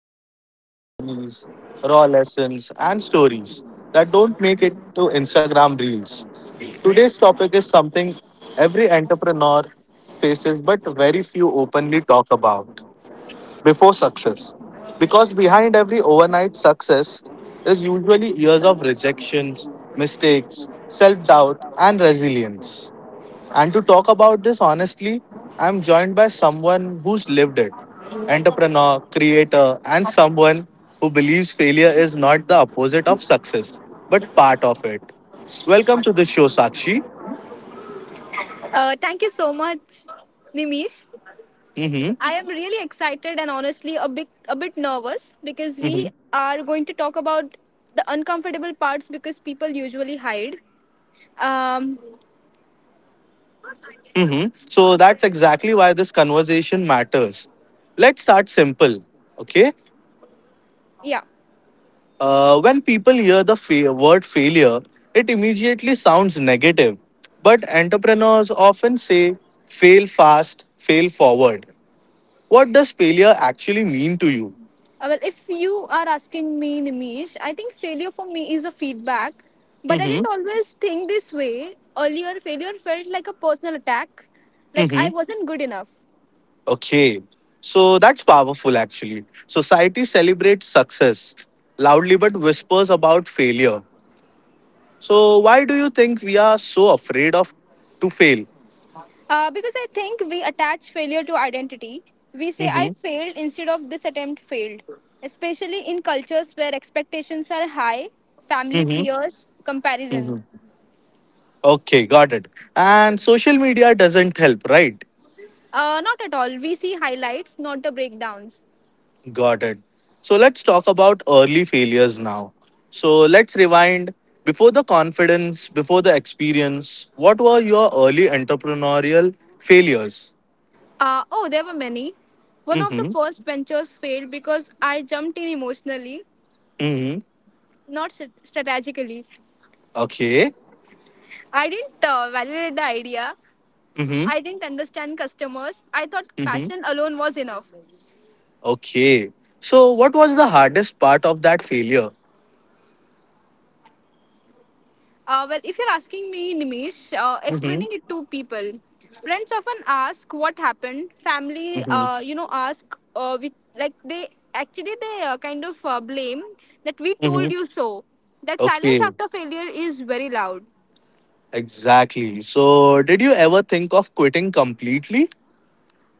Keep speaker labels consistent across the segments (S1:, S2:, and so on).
S1: about real journeys, raw lessons and stories that don't make it to Instagram reels. Today's topic is something every entrepreneur faces but very few openly talk about before success. Because behind every overnight success is usually years of rejections, mistakes, self-doubt and resilience. And to talk about this honestly, I'm joined by someone who's lived it entrepreneur, creator, and someone who believes failure is not the opposite of success, but part of it. Welcome to the show, Sakshi.
S2: Thank you so much, Nimish.
S1: hmm
S2: I am really excited and honestly a bit nervous because we
S1: hmm
S2: are going to talk about the uncomfortable parts because people usually hide. Um,
S1: So that's exactly why this conversation matters. Let's start simple. Okay.
S2: yeah.
S1: When people hear the word failure, it immediately sounds negative. But entrepreneurs often say, fail fast, fail forward. What does failure actually mean to you?
S2: Well, if you are asking me, Nimish, I think failure for me is a feedback, but I
S1: hmm
S2: didn't always think this way. Earlier, failure felt like a personal attack, like
S1: hmm
S2: I wasn't good enough.
S1: Okay. So that's powerful, actually. Society celebrates success loudly but whispers about failure. So, why do you think we are so afraid of to fail?
S2: Because I think we attach failure to identity. We say, I
S1: hmm
S2: failed instead of this attempt failed, especially in cultures where expectations are high, family, peers,
S1: hmm
S2: comparison.
S1: Okay, got it. And social media doesn't help, right?
S2: Not at all. We see highlights, not the breakdowns.
S1: Got it. So let's talk about early failures now. So let's rewind. Before the confidence, before the experience, what were your early entrepreneurial failures?
S2: Oh, there were many. One of the
S1: Mm-hmm.
S2: first ventures failed because I jumped in emotionally,
S1: Mm-hmm.
S2: not strategically.
S1: Okay.
S2: I didn't validate the idea.
S1: Mm-hmm.
S2: I didn't understand customers. I thought
S1: Mm-hmm.
S2: passion alone was enough.
S1: Okay. So what was the hardest part of that failure?
S2: Well, if you're asking me, Nimish,
S1: Mm-hmm.
S2: explaining it to people, friends often ask what happened. Family,
S1: Mm-hmm.
S2: ask we like they actually they kind of blame that we
S1: Mm-hmm.
S2: told you so. That silence
S1: Okay.
S2: after failure is very loud.
S1: Exactly. So did you ever think of quitting completely?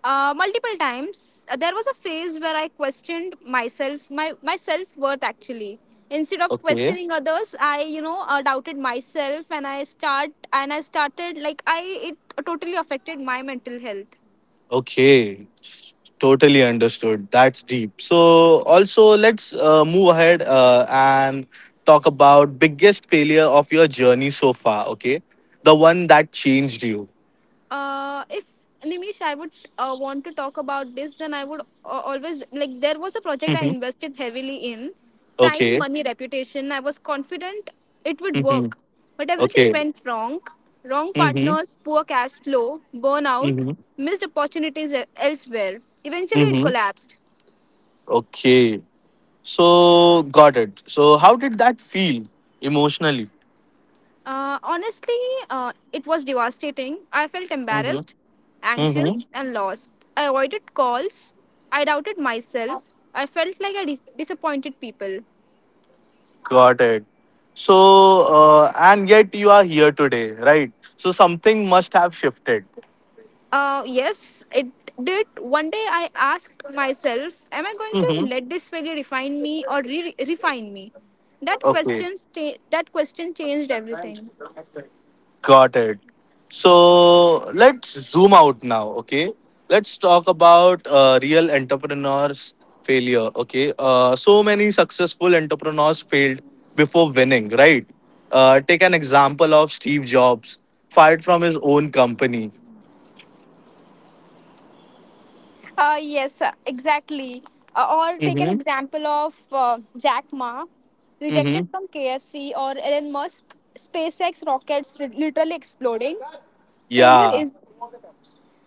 S2: Multiple times. There was a phase where I questioned myself, my self-worth actually, instead of
S1: Okay.
S2: questioning others. I, doubted myself and I started, like I it totally affected my mental health.
S1: Okay, totally understood. That's deep. So, also, let's move ahead and talk about biggest failure of your journey so far. Okay, the one that changed you.
S2: If Nimish, I would want to talk about this. Then I would always like There was a project I
S1: Mm-hmm.
S2: invested heavily in, time,
S1: Okay.
S2: money, reputation. I was confident it would
S1: Mm-hmm.
S2: work, but everything
S1: Okay.
S2: went wrong. Wrong
S1: Mm-hmm.
S2: partners, poor cash flow, burnout,
S1: Mm-hmm.
S2: missed opportunities elsewhere. Eventually, it
S1: Mm-hmm.
S2: collapsed.
S1: Okay. So, got it. So, how did that feel emotionally?
S2: Honestly, it was devastating. I felt
S1: Mm-hmm.
S2: embarrassed,
S1: Mm-hmm.
S2: anxious, and lost. I avoided calls. I doubted myself. I felt like I disappointed people.
S1: Got it. So, and yet you are here today, right? So, something must have shifted.
S2: Yes, it did. One day I asked myself, am I going to
S1: Mm-hmm.
S2: let this failure refine me or refine me? That
S1: Okay,
S2: question, sta- that question changed everything.
S1: got it. So let's zoom out now. Okay, let's talk about real entrepreneurs' failure. Okay, so many successful entrepreneurs failed before winning, right? Take an example of Steve Jobs, fired from his own company.
S2: Yes, exactly. Or take an
S1: Mm-hmm.
S2: example of Jack Ma, rejected
S1: Mm-hmm.
S2: from KFC, or Elon Musk, SpaceX rockets literally exploding. Failure
S1: Yeah,
S2: is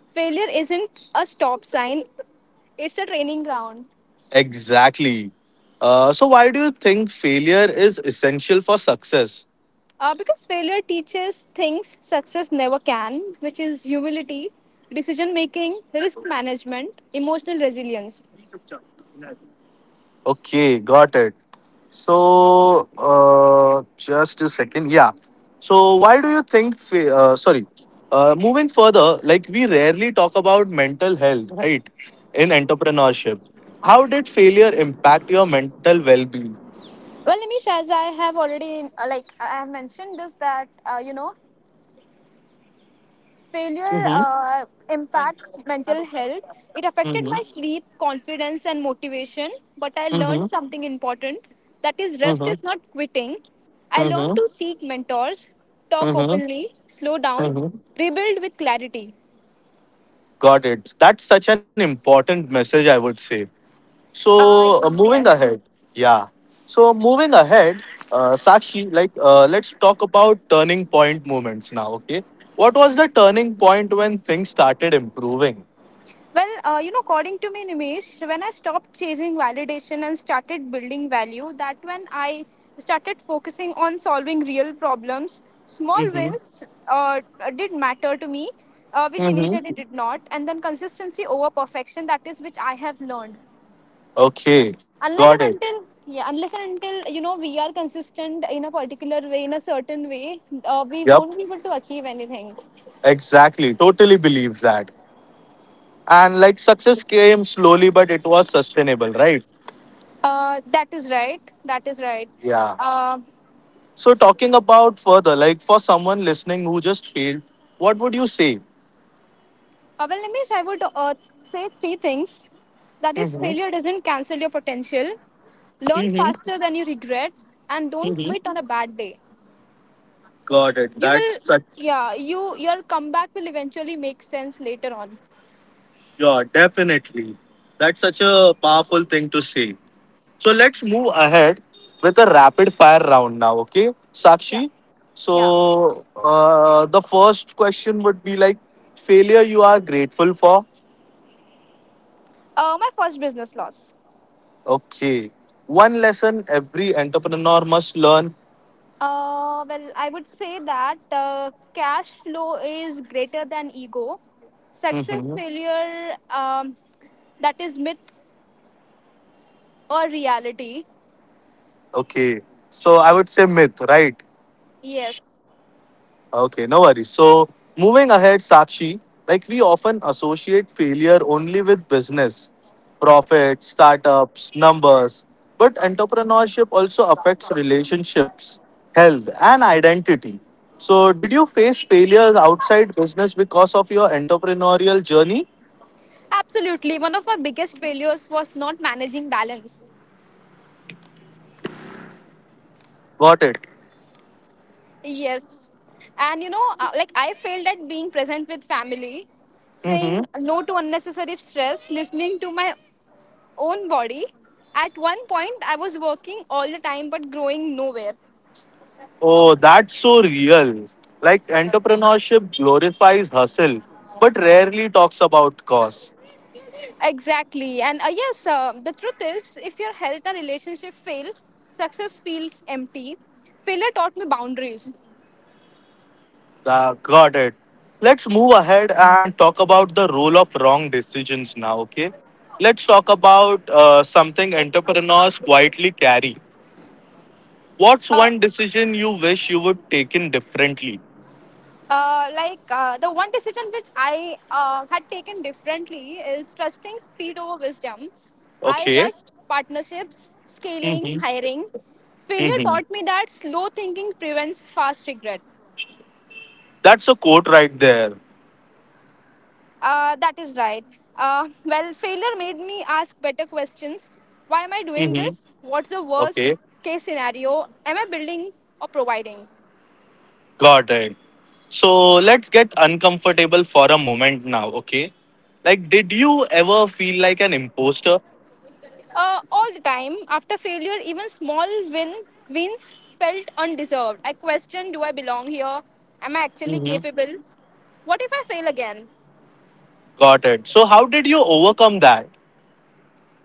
S2: Failure isn't a stop sign; it's a training ground.
S1: exactly. So, why do you think failure is essential for success?
S2: Because failure teaches things success never can, which is humility, decision making, risk management, emotional resilience.
S1: Okay, got it. So, just a second. Yeah. So, why do you think? Sorry. Moving further, like we rarely talk about mental health, right? In entrepreneurship, how did failure impact your mental well-being?
S2: Well, Nimish, as I have already I have mentioned this, that you know failure
S1: Mm-hmm.
S2: impacts mental health. It affected
S1: Mm-hmm.
S2: my sleep, confidence, and motivation. But I learned
S1: Mm-hmm.
S2: something important, that is, rest
S1: Mm-hmm.
S2: is not quitting. I learned to seek mentors, talk
S1: Mm-hmm.
S2: openly, slow down,
S1: Mm-hmm.
S2: rebuild with clarity.
S1: Got it. That's such an important message, I would say.
S2: Uh,
S1: So moving
S2: yes.
S1: ahead, yeah. So moving ahead, Sakshi, like let's talk about turning point moments now. Okay, what was the turning point when things started improving?
S2: Well, according to me, Nimesh, when I stopped chasing validation and started building value, that when I started focusing on solving real problems, small
S1: Mm-hmm.
S2: wins uh, did matter to me, which initially
S1: Mm-hmm.
S2: did not, and then consistency over perfection. That is which I have learned.
S1: Okay, got it.
S2: Unless and until, you know, we are consistent in a particular way, in a certain way, we
S1: Yep,
S2: won't be able to achieve anything.
S1: exactly. Totally believe that. And like success came slowly, but it was sustainable, right?
S2: That is right.
S1: Yeah.
S2: Uh.
S1: So talking about further, like for someone listening who just failed, what would you say?
S2: Well, Nimesh, I would say three things. That is,
S1: Mm-hmm.
S2: failure doesn't cancel your potential. Learn
S1: Mm-hmm.
S2: faster than you regret, and don't quit on a bad day.
S1: Got it.
S2: You will,
S1: That's such
S2: yeah, you, your comeback will eventually make sense later on.
S1: yeah, definitely. That's such a powerful thing to say. So let's move ahead with a rapid fire round now, okay,
S2: Yeah,
S1: Sakshi?
S2: yeah.
S1: So the first question would be like failure you are grateful for.
S2: My first business loss.
S1: Okay, one lesson every entrepreneur must learn.
S2: Well, I would say that cash flow is greater than ego. Success,
S1: hmm
S2: failure, that is myth or reality.
S1: Okay, so I would say myth, right?
S2: Yes.
S1: Okay, no worries. So, moving ahead, Sakshi, like we often associate failure only with business, profits, startups, numbers, but entrepreneurship also affects relationships, health, and identity. So, did you face failures outside business because of your entrepreneurial journey?
S2: Absolutely. One of my biggest failures was not managing balance.
S1: Got it.
S2: Yes. And you know, I failed at being present with family, saying
S1: Mm-hmm.
S2: no to unnecessary stress, listening to my own body. At one point, I was working all the time but growing nowhere.
S1: Oh, that's so real. Like entrepreneurship glorifies hustle, but rarely talks about cost.
S2: Exactly. And the truth is, if your health and relationship fail, success feels empty. Failure taught me boundaries.
S1: Got it. Let's move ahead and talk about the role of wrong decisions now, okay? Let's talk about something entrepreneurs quietly carry. What's
S2: Uh,
S1: one decision you wish you would taken differently?
S2: The one decision which I had taken differently is trusting speed over wisdom. I
S1: Okay.
S2: rushed partnerships, scaling,
S1: Mm-hmm.
S2: hiring. Failure
S1: hmm
S2: taught me that slow thinking prevents fast regret.
S1: That's a quote right there.
S2: That is right. Well, failure made me ask better questions. Why am I doing
S1: Mm-hmm.
S2: this? What's the worst
S1: Okay.
S2: case scenario? Am I building or providing?
S1: Got it. So let's get uncomfortable for a moment now, okay? Like, did you ever feel like an imposter?
S2: All the time. After failure, even small win wins felt undeserved. I questioned, do I belong here? Am I actually
S1: Mm-hmm.
S2: capable? What if I fail again?
S1: Got it. So, how did you overcome that?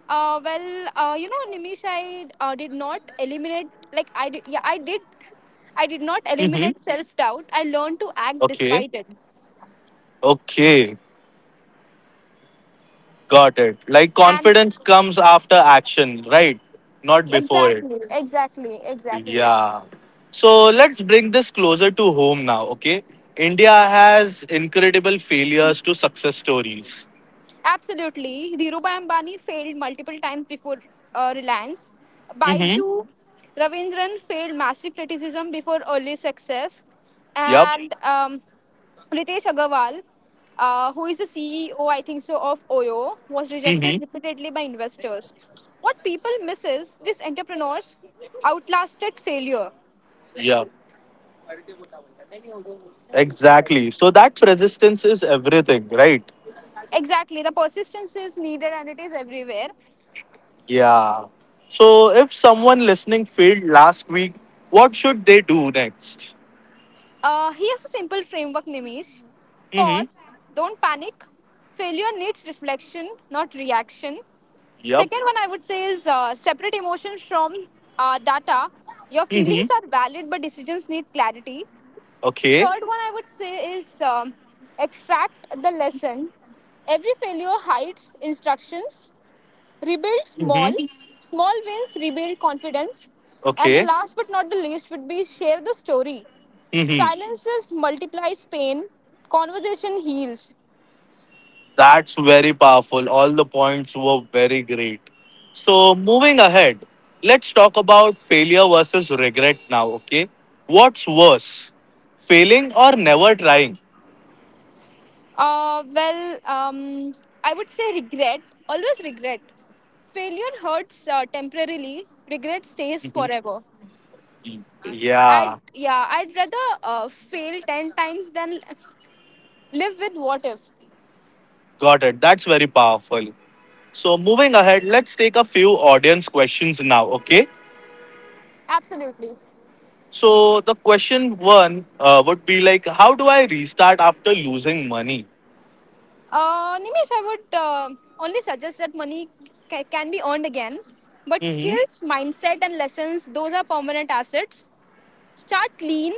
S2: Nimish, I did not eliminate. Like I did, yeah, I did. I did not
S1: Mm-hmm.
S2: eliminate self doubt. I learned to act
S1: Okay.
S2: despite it.
S1: Okay. Got it. Like
S2: And
S1: confidence comes after action, right? Not before it.
S2: Exactly, exactly.
S1: Yeah. So let's bring this closer to home now, okay? India has incredible failures to success stories.
S2: Absolutely. Dhirubhai Ambani failed multiple times before Reliance.
S1: Mm-hmm.
S2: Baiju Ravindran failed massive criticism before early success.
S1: Yep.
S2: And Ritesh Agarwal, who is the CEO, I think so, of Oyo, was rejected
S1: Mm-hmm.
S2: repeatedly by investors. What people miss is these entrepreneurs outlasted failure.
S1: Yeah. Exactly. So that persistence is everything, right?
S2: Exactly. The persistence is needed and it is everywhere.
S1: Yeah. So if someone listening failed last week, what should they do next?
S2: Here's a simple framework, Nimish.
S1: Mm-hmm.
S2: Pause, don't panic. Failure needs reflection, not reaction. Second one I would say is, separate emotions from data. Your feelings
S1: Yep.
S2: are valid, but decisions need clarity.
S1: Okay.
S2: Third one I would say is, extract the lesson. Every failure hides instructions. Rebuild small.
S1: Mm-hmm.
S2: Small wins rebuild confidence. And the
S1: Okay.
S2: last but not the least would be share the story.
S1: Mm-hmm.
S2: Silences multiplies pain. Conversation heals.
S1: That's very powerful. All the points were very great. So, moving ahead, let's talk about failure versus regret now. Okay. What's worse, failing or never trying?
S2: Uh, well, um, I would say regret. Always regret. Failure hurts temporarily. Regret stays
S1: Mhm.
S2: forever. I
S1: Yeah,
S2: yeah. I'd rather fail 10 times than live with what if.
S1: got it. That's very powerful. So, moving ahead, let's take a few audience questions now, okay?
S2: Absolutely.
S1: So, the question one would be like, how do I restart after losing money?
S2: Nimesh, I would only suggest that money can be earned again, but
S1: Mm-hmm.
S2: skills, mindset, and lessons, those are permanent assets. Start lean,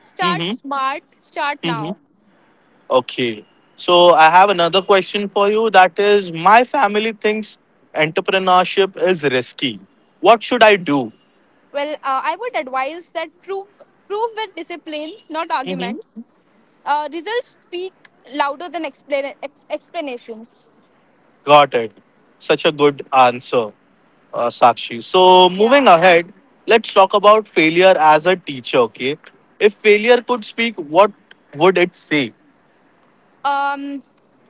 S2: start
S1: Mm-hmm.
S2: smart, start now.
S1: Okay. So I have another question for you. That is, my family thinks entrepreneurship is risky. What should I do?
S2: Well, I would advise that prove with discipline, not
S1: hmm
S2: arguments. Results speak louder than explanations.
S1: Got it. Such a good answer, Sakshi. So
S2: Yeah.
S1: moving ahead, let's talk about failure as a teacher. Okay. If failure could speak, what would it say?
S2: Um.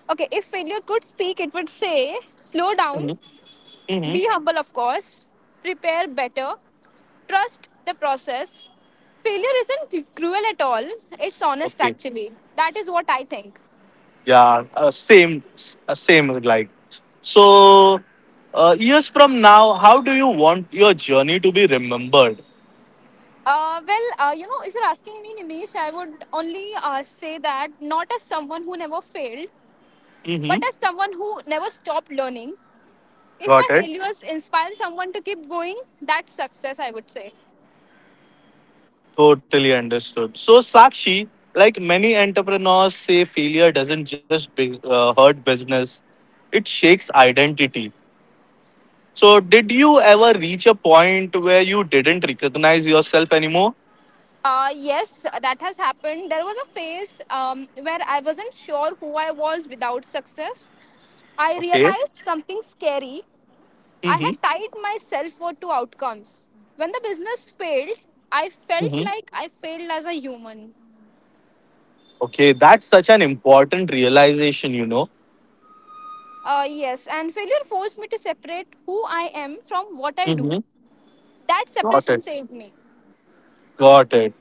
S2: Okay. If failure could speak, it would say, "Slow down.
S1: hmm
S2: Be humble, of course. Prepare better. Trust the process." Failure isn't cruel at all. It's honest,
S1: Okay.
S2: actually. That is what I think.
S1: Yeah. Same. Like. So, years from now, how do you want your journey to be remembered?
S2: If you're asking me, Nimish, I would only say, that not as someone who never failed, but
S1: Mm-hmm.
S2: as someone who never stopped learning. If my
S1: Got it.
S2: failures inspire someone to keep going, that's success, I would say.
S1: Totally understood. So, Sakshi, like many entrepreneurs say, failure doesn't just hurt business, it shakes identity. So, did you ever reach a point where you didn't recognize yourself anymore?
S2: Yes, that has happened. There was a phase where I wasn't sure who I was without success. I
S1: Okay.
S2: realized something scary. I had
S1: Mm-hmm.
S2: tied my self worth to outcomes. When the business failed, I felt
S1: Mm-hmm.
S2: like I failed as a human.
S1: Okay, that's such an important realization, you know.
S2: Yes, and failure forced me to separate who I am from what I do.
S1: Mm-hmm.
S2: That
S1: Got
S2: separation
S1: it.
S2: saved me.
S1: Got it.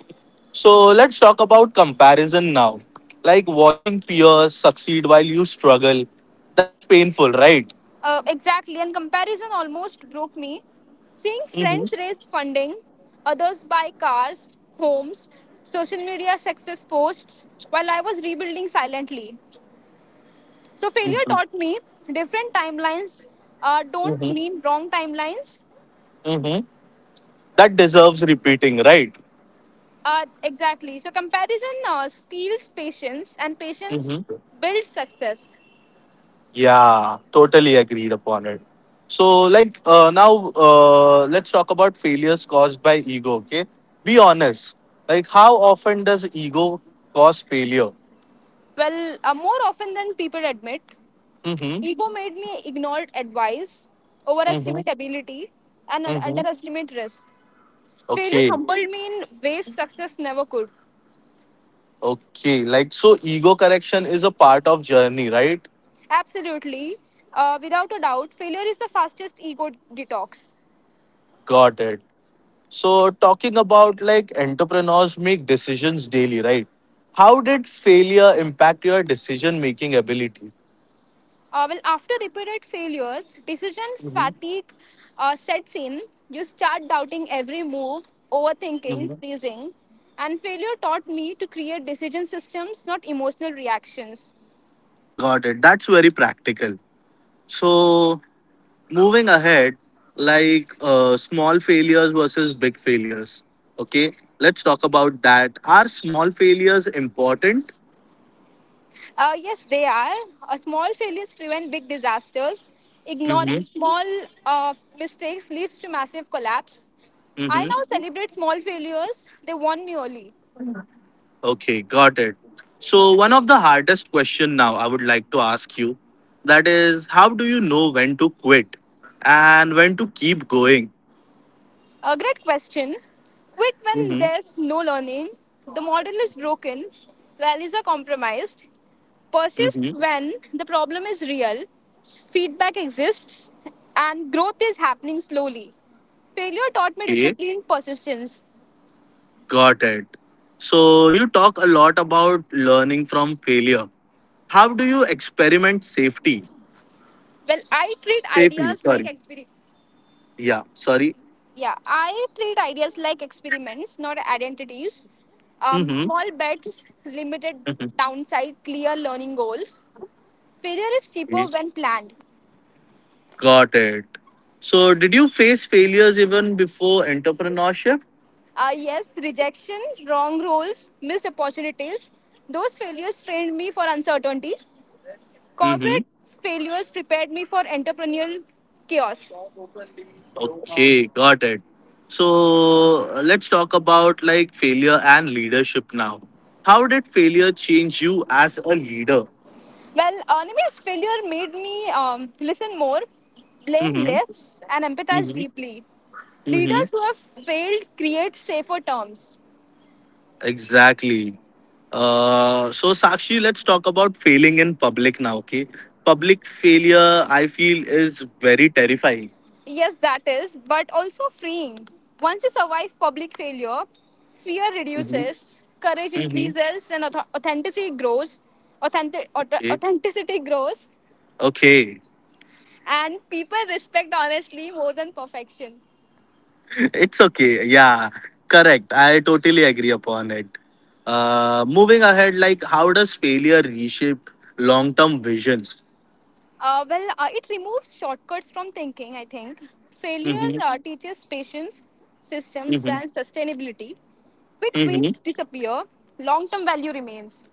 S1: So let's talk about comparison now. Like watching peers succeed while you struggle. That's painful, right?
S2: Exactly, and comparison almost broke me. Seeing
S1: Mm-hmm.
S2: friends raise funding, others buy cars, homes, social media success posts, while I was rebuilding silently. So, failure taught me different timelines don't
S1: Mm-hmm.
S2: mean wrong timelines.
S1: Mm-hmm. That deserves repeating, right?
S2: Exactly. So, comparison steals patience, and patience
S1: Mm-hmm.
S2: builds success.
S1: Yeah, totally agreed upon it. So, like, now let's talk about failures caused by ego, okay? Be honest. Like, how often does ego cause failure?
S2: Well, more often than people admit,
S1: Mm-hmm.
S2: ego made me ignore advice, overestimate ability, and underestimate risk. Failure
S1: Okay.
S2: humbled me in ways success never could.
S1: Okay, like so ego correction is a part of journey, right?
S2: Absolutely, without a doubt, failure is the fastest ego detox.
S1: Got it. So talking about like entrepreneurs make decisions daily, right? How did failure impact your decision making ability?
S2: Well, after repeated failures, decision
S1: Mhm,
S2: fatigue sets in. You start doubting every move, overthinking,
S1: mhm.
S2: freezing. And failure taught me to create decision systems, not emotional reactions.
S1: Got it. That's very practical. So moving ahead, like small failures versus big failures. Okay, let's talk about that. Are small failures important?
S2: Yes, they are. Small failures prevent big disasters. Ignoring
S1: Mm-hmm.
S2: small mistakes leads to massive collapse. I now celebrate small failures. They won me early.
S1: Okay, got it. So one of the hardest question now I would like to ask you that is how do you know when to quit and when to keep going?
S2: A great question. Quit when
S1: hmm
S2: there's no learning. The model is broken. Values are compromised. Persist
S1: hmm
S2: when the problem is real. Feedback exists. And growth is happening slowly. Failure taught me
S1: Okay,
S2: discipline, persistence.
S1: got it. So you talk a lot about learning from failure. How do you experiment safety?
S2: Well, I treat
S1: Safely,
S2: ideas like
S1: sorry.
S2: experiments.
S1: Yeah, sorry.
S2: Yeah, I treat ideas like experiments, not identities.
S1: Mm-hmm.
S2: Small bets, limited downside, clear learning goals. Failure is cheaper
S1: Okay.
S2: when planned.
S1: Got it. So did you face failures even before entrepreneurship?
S2: Yes, rejection, wrong roles, missed opportunities. Those failures trained me for uncertainty. Corporate failures prepared me for entrepreneurial chaos.
S1: Okay, got it. So let's talk about like failure and leadership now. How did failure change you as a leader?
S2: Well, Anime's failure made me listen more, blame
S1: Mm-hmm.
S2: less, and empathize
S1: Mm-hmm.
S2: deeply.
S1: Mm-hmm.
S2: Leaders who have failed create safer terms.
S1: Exactly. So Sakshi, let's talk about failing in public now. Okay, public failure I feel is very terrifying.
S2: Yes, that is, but also freeing. Once you survive public failure, fear
S1: Mm-hmm.
S2: reduces, courage
S1: Mm-hmm.
S2: increases, and authenticity grows.
S1: Okay.
S2: Authenticity grows,
S1: Okay.
S2: and people respect honestly more than perfection.
S1: It's okay. Yeah, correct. I totally agree upon it. Moving ahead, like how does failure reshape long-term visions?
S2: It removes shortcuts from thinking, I think. Failure
S1: Mm-hmm.
S2: teaches patience, systems,
S1: Mm-hmm.
S2: and sustainability. Quick
S1: Mm-hmm.
S2: wins disappear, long term value remains.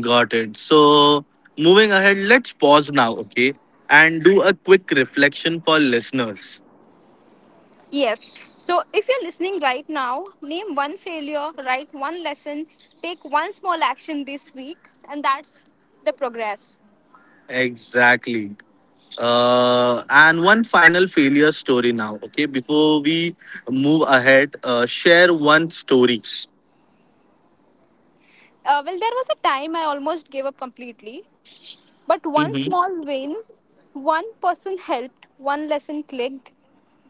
S1: Got it. So moving ahead, let's pause now, okay, and do a quick reflection for listeners.
S2: Yes. So if you're listening right now, name one failure, write one lesson, take one small action this week, and that's the progress.
S1: Exactly. And one final failure story now, okay? Before we move ahead, share one story.
S2: Well, there was a time I almost gave up completely. But one
S1: Mm-hmm.
S2: small win, one person helped, one lesson clicked.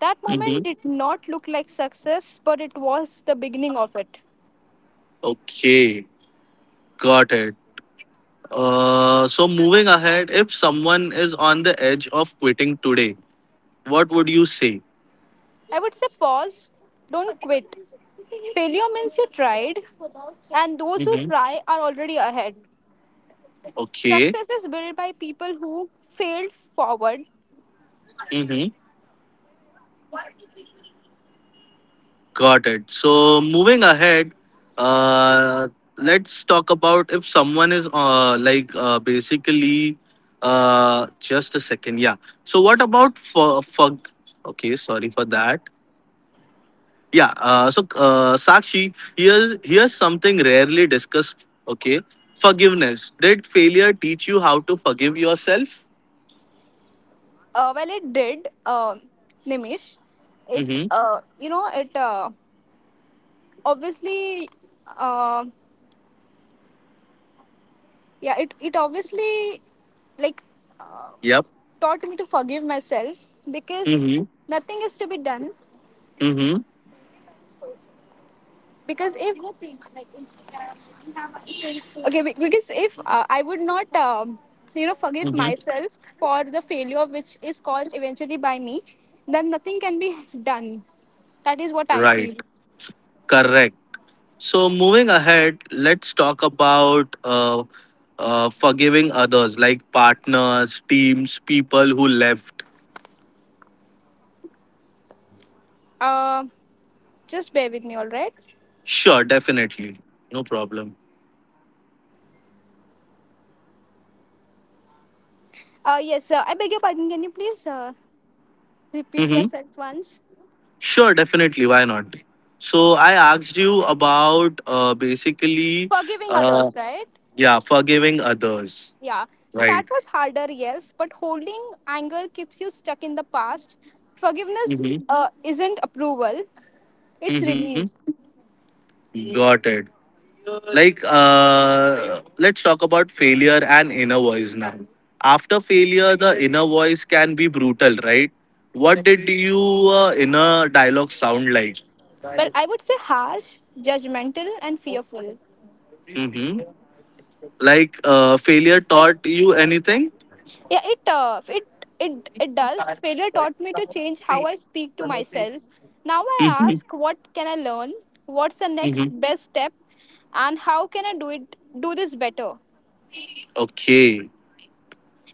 S2: That moment
S1: Mm-hmm.
S2: did not look like success, but it was the beginning of it.
S1: Okay, got it. So moving ahead, if someone is on the edge of quitting today, what would you say?
S2: I would say pause, don't quit. Failure means you tried, and those who
S1: hmm
S2: try are already ahead.
S1: Okay,
S2: Success is built by people who failed forward.
S1: hmm got it. So moving ahead, uh, let's talk about if someone is basically just a second. Yeah. So what about for okay, sorry for that. Yeah. Sakshi, here's something rarely discussed. Okay, forgiveness. Did failure teach you how to forgive yourself?
S2: Well, it did, Nimish. It,
S1: Mm-hmm.
S2: you know, it Obviously. Uh, yeah, it obviously like
S1: Yep.
S2: taught me to forgive myself because
S1: Mm-hmm.
S2: nothing is to be done
S1: Mm-hmm.
S2: because if okay be- because if I would not forgive
S1: Mm-hmm.
S2: myself for the failure which is caused eventually by me, then nothing can be done. That is what I
S1: Right.
S2: feel.
S1: Correct. So, moving ahead, let's talk about forgiving others, like partners, teams, people who left.
S2: uh, just bear with me, all right?
S1: Sure, definitely, no problem.
S2: Yes, I beg your pardon, can you please repeat
S1: Mm-hmm.
S2: yourself once?
S1: Sure, definitely. Why not? So I asked you about basically,
S2: Forgiving
S1: uh,
S2: others, right?
S1: yeah, forgiving others,
S2: Yeah, so that
S1: right?
S2: was harder, yes, but holding anger keeps you stuck in the past. Forgiveness
S1: Mm-hmm.
S2: isn't approval, it's
S1: Mm-hmm.
S2: release.
S1: Got it. Like, let's talk about failure and inner voice now. After failure, the inner voice can be brutal, right? What did you inner dialogue sound like?
S2: Well, I would say harsh, judgmental, and fearful.
S1: Mm-hmm. Like, failure
S2: Like,
S1: taught you anything?
S2: yeah, it it does. Failure taught me to change how I speak to myself. Now I
S1: Mm-hmm.
S2: ask, what can I learn? What's the next
S1: Mm-hmm.
S2: best step? And how can I do it? Do this better?
S1: Okay.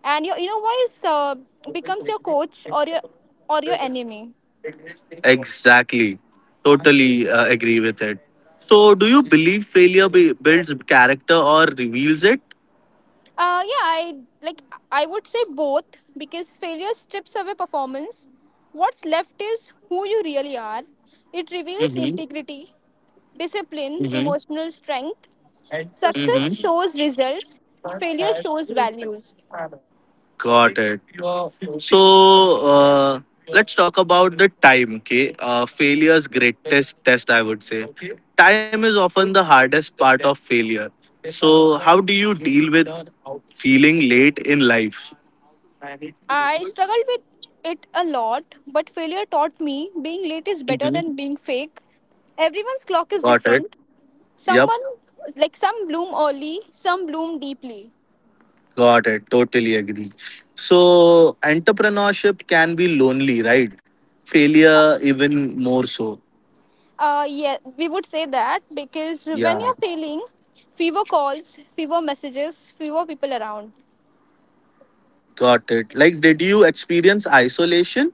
S2: And your inner voice becomes your coach or your enemy.
S1: Exactly. Totally agree with it. So, do you believe builds character or reveals it?
S2: Yeah, I like I would say both, because failure strips away performance. What's left is who you really are. It reveals
S1: Mm-hmm.
S2: integrity, discipline,
S1: Mm-hmm.
S2: emotional strength. Success
S1: Mm-hmm.
S2: shows results, failure shows values.
S1: Got it. So, let's talk about the time, okay? Failure's greatest test, I would say. Time is often the hardest part of failure. So, how do you deal with feeling late in life?
S2: I struggled with it a lot, but failure taught me being late is better than
S1: Mhm.
S2: being fake. Everyone's clock is
S1: Got it.
S2: different.
S1: Yep.
S2: Someone some bloom early, some bloom deeply.
S1: Got it. Totally agree. So, entrepreneurship can be lonely, right? Failure, even more so.
S2: Yeah, we would say that because when
S1: Yeah.
S2: you're failing, fewer calls, fewer messages, fewer people around.
S1: Got it. Like, did you experience isolation?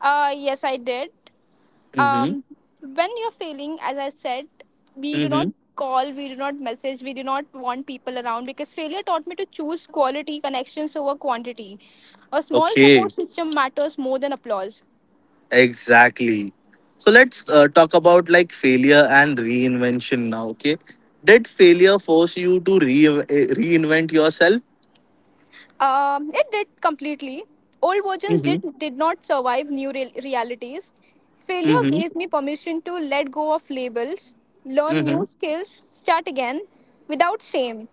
S2: Yes, I did.
S1: Mm
S2: Um, when you're failing, as I said, we
S1: hmm.
S2: do
S1: Mm
S2: not
S1: hmm.
S2: call, we do not message, we do not want people around, because failure taught me to choose quality connections over quantity. A small support
S1: Okay.
S2: system matters more than applause.
S1: Exactly. So, let's talk about like failure and reinvention now, okay? Did failure force you to reinvent yourself?
S2: It did completely. Old versions
S1: Mm
S2: did
S1: hmm.
S2: did not survive new realities.
S1: Mm
S2: Failure
S1: hmm.
S2: gave me permission to let go of labels, learn
S1: Mm
S2: new
S1: hmm.
S2: skills, start again without shame.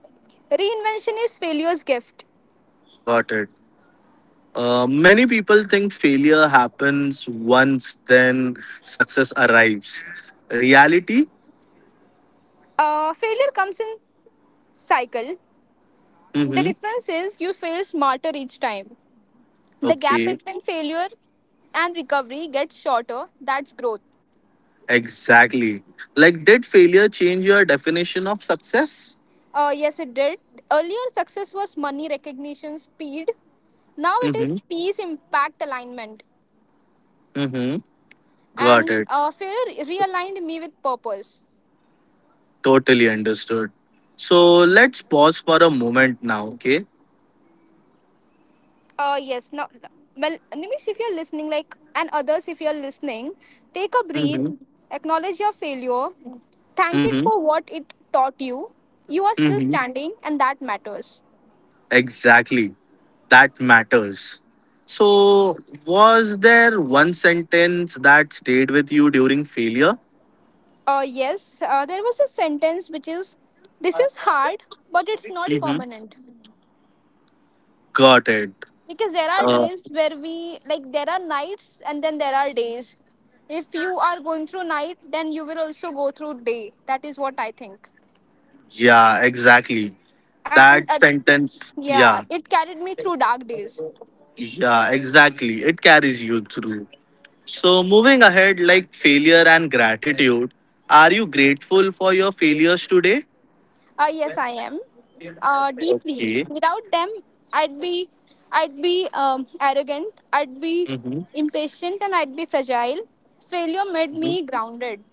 S2: Reinvention is failure's gift.
S1: Got it. Many people think failure happens once, then success arrives. Reality?
S2: Failure comes in cycle. The
S1: Mm-hmm.
S2: difference is you fail smarter each time. The gap
S1: Okay,
S2: between failure and recovery gets shorter. That's growth.
S1: exactly. Like, did failure change your definition of success?
S2: Yes, it did. Earlier, success was money, recognition, speed. Now it
S1: Mm-hmm.
S2: is peace, impact, alignment.
S1: Mm-hmm. Got
S2: And
S1: it.
S2: failure realigned me with purpose.
S1: Totally understood. So let's pause for a moment now, okay?
S2: Yes, now, well, Nimish, if you're listening, like, and others, if you're listening, take a breath,
S1: Mm-hmm.
S2: acknowledge your failure, thank it
S1: Mm-hmm.
S2: for what it taught you. You are still
S1: Mm-hmm.
S2: standing, and that matters.
S1: Exactly. That matters. So, was there one sentence that stayed with you during failure?
S2: Yes, there was a sentence which is, this is hard, but it's not
S1: hmm
S2: permanent.
S1: Got it.
S2: Because there are
S1: Uh,
S2: days where we like there are nights and then there are days. If you are going through night, then you will also go through day. That is what I think.
S1: yeah, exactly.
S2: And
S1: That sentence,
S2: yeah,
S1: yeah,
S2: it carried me through dark days.
S1: yeah, exactly. It carries you through. So, moving ahead, like failure and gratitude, are you grateful for your failures today?
S2: Yes, I am, deeply.
S1: Okay.
S2: Without them, i'd be I'd be arrogant, I'd be
S1: Mm-hmm.
S2: impatient, and I'd be fragile. Failure made me grounded.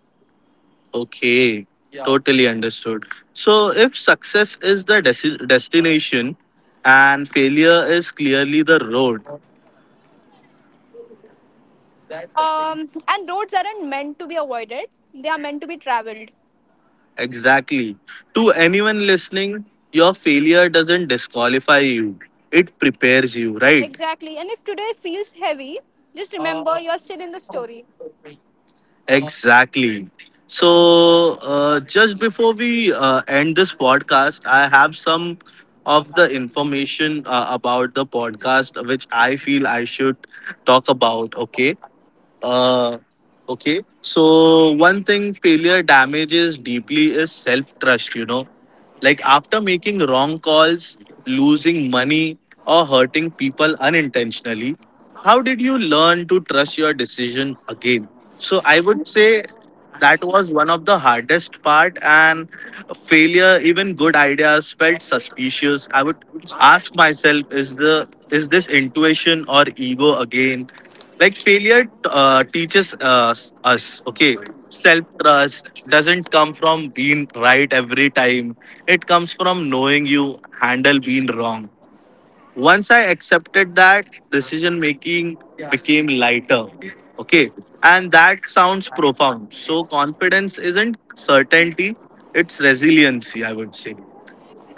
S1: Okay. Totally understood. So, if success is the destination and failure is clearly the road,
S2: And roads aren't meant to be avoided, they are meant to be traveled.
S1: exactly. To anyone listening, your failure doesn't disqualify you, it prepares you, right?
S2: Exactly. And if today feels heavy, just remember you're still in the story.
S1: Exactly. So, just before we end this podcast, I have some of the information about the podcast which I feel I should talk about, okay? Uh, okay. So one thing failure damages deeply is self trust. You know, like after making wrong calls, losing money, or hurting people unintentionally, how did you learn to trust your decision again? So I would say that was one of the hardest part and failure even good ideas felt suspicious. I would ask myself, is this intuition or ego again? Like failure teaches us. Okay, self trust doesn't come from being right every time, it comes from knowing you handle being wrong. Once I accepted that, decision making became lighter. Okay, and that sounds profound. So confidence isn't certainty, it's resiliency, I would say.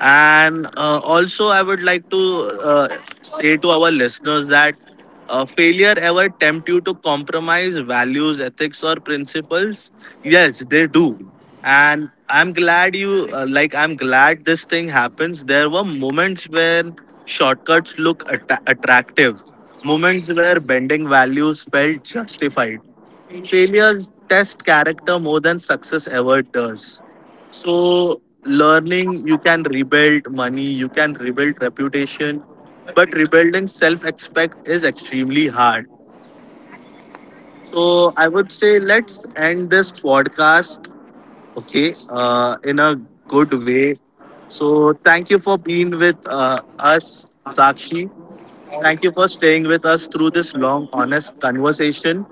S1: And also, I would like to say to our listeners that failure ever tempt you to compromise values, ethics, or principles? Yes, they do. And I'm glad you I'm glad this thing happens. There were moments where shortcuts look atta attractive, moments where bending values felt justified. Failures test character more than success ever does. So, learning, you can rebuild money, you can rebuild reputation, but rebuilding self expect is extremely hard. So, I would say let's end this podcast, okay, in a good way. So, thank you for being with us, Sakshi. Thank you for staying with us through this long, honest conversation.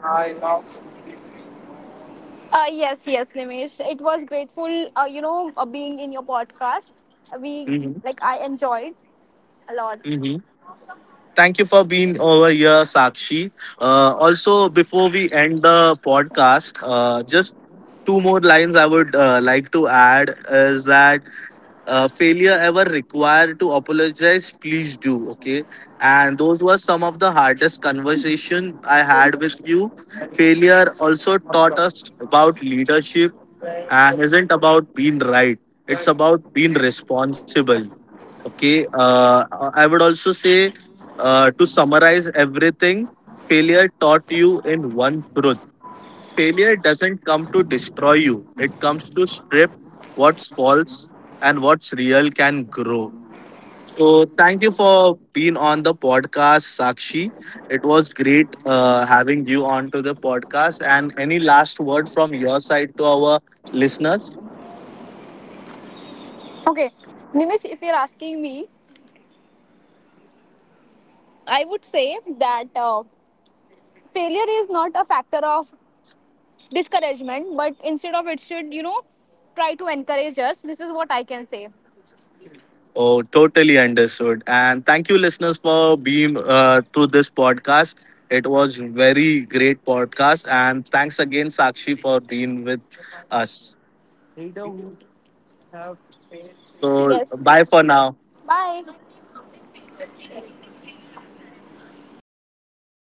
S2: Yes, yes, Nimesh. It was grateful, being in your podcast. We,
S1: Mhm.
S2: I enjoyed a lot.
S1: Mhm. Thank you for being over here, Sakshi. Also, before we end the podcast, just two more lines I would like to add is that failure ever required to apologize, please do. Okay, and those were some of the hardest conversation I had with you. Failure also taught us about leadership and isn't about being right; it's about being responsible. Okay. I would also say, to summarize everything, failure taught you in one truth. Failure doesn't come to destroy you, it comes to strip what's false and what's real can grow. So, thank you for being on the podcast, Sakshi. It was great having you on to the podcast. And any last word from your side to our listeners?
S2: Okay, Nimesh, if you're asking me, I would say that failure is not a factor of discouragement, but instead of it should, try to encourage us. This is what I can say.
S1: Oh, totally understood. And thank you, listeners, for being to this podcast. It was very great podcast, and thanks again, Sakshi, for being with us. So,
S2: Yes.
S1: bye for now.
S2: Bye.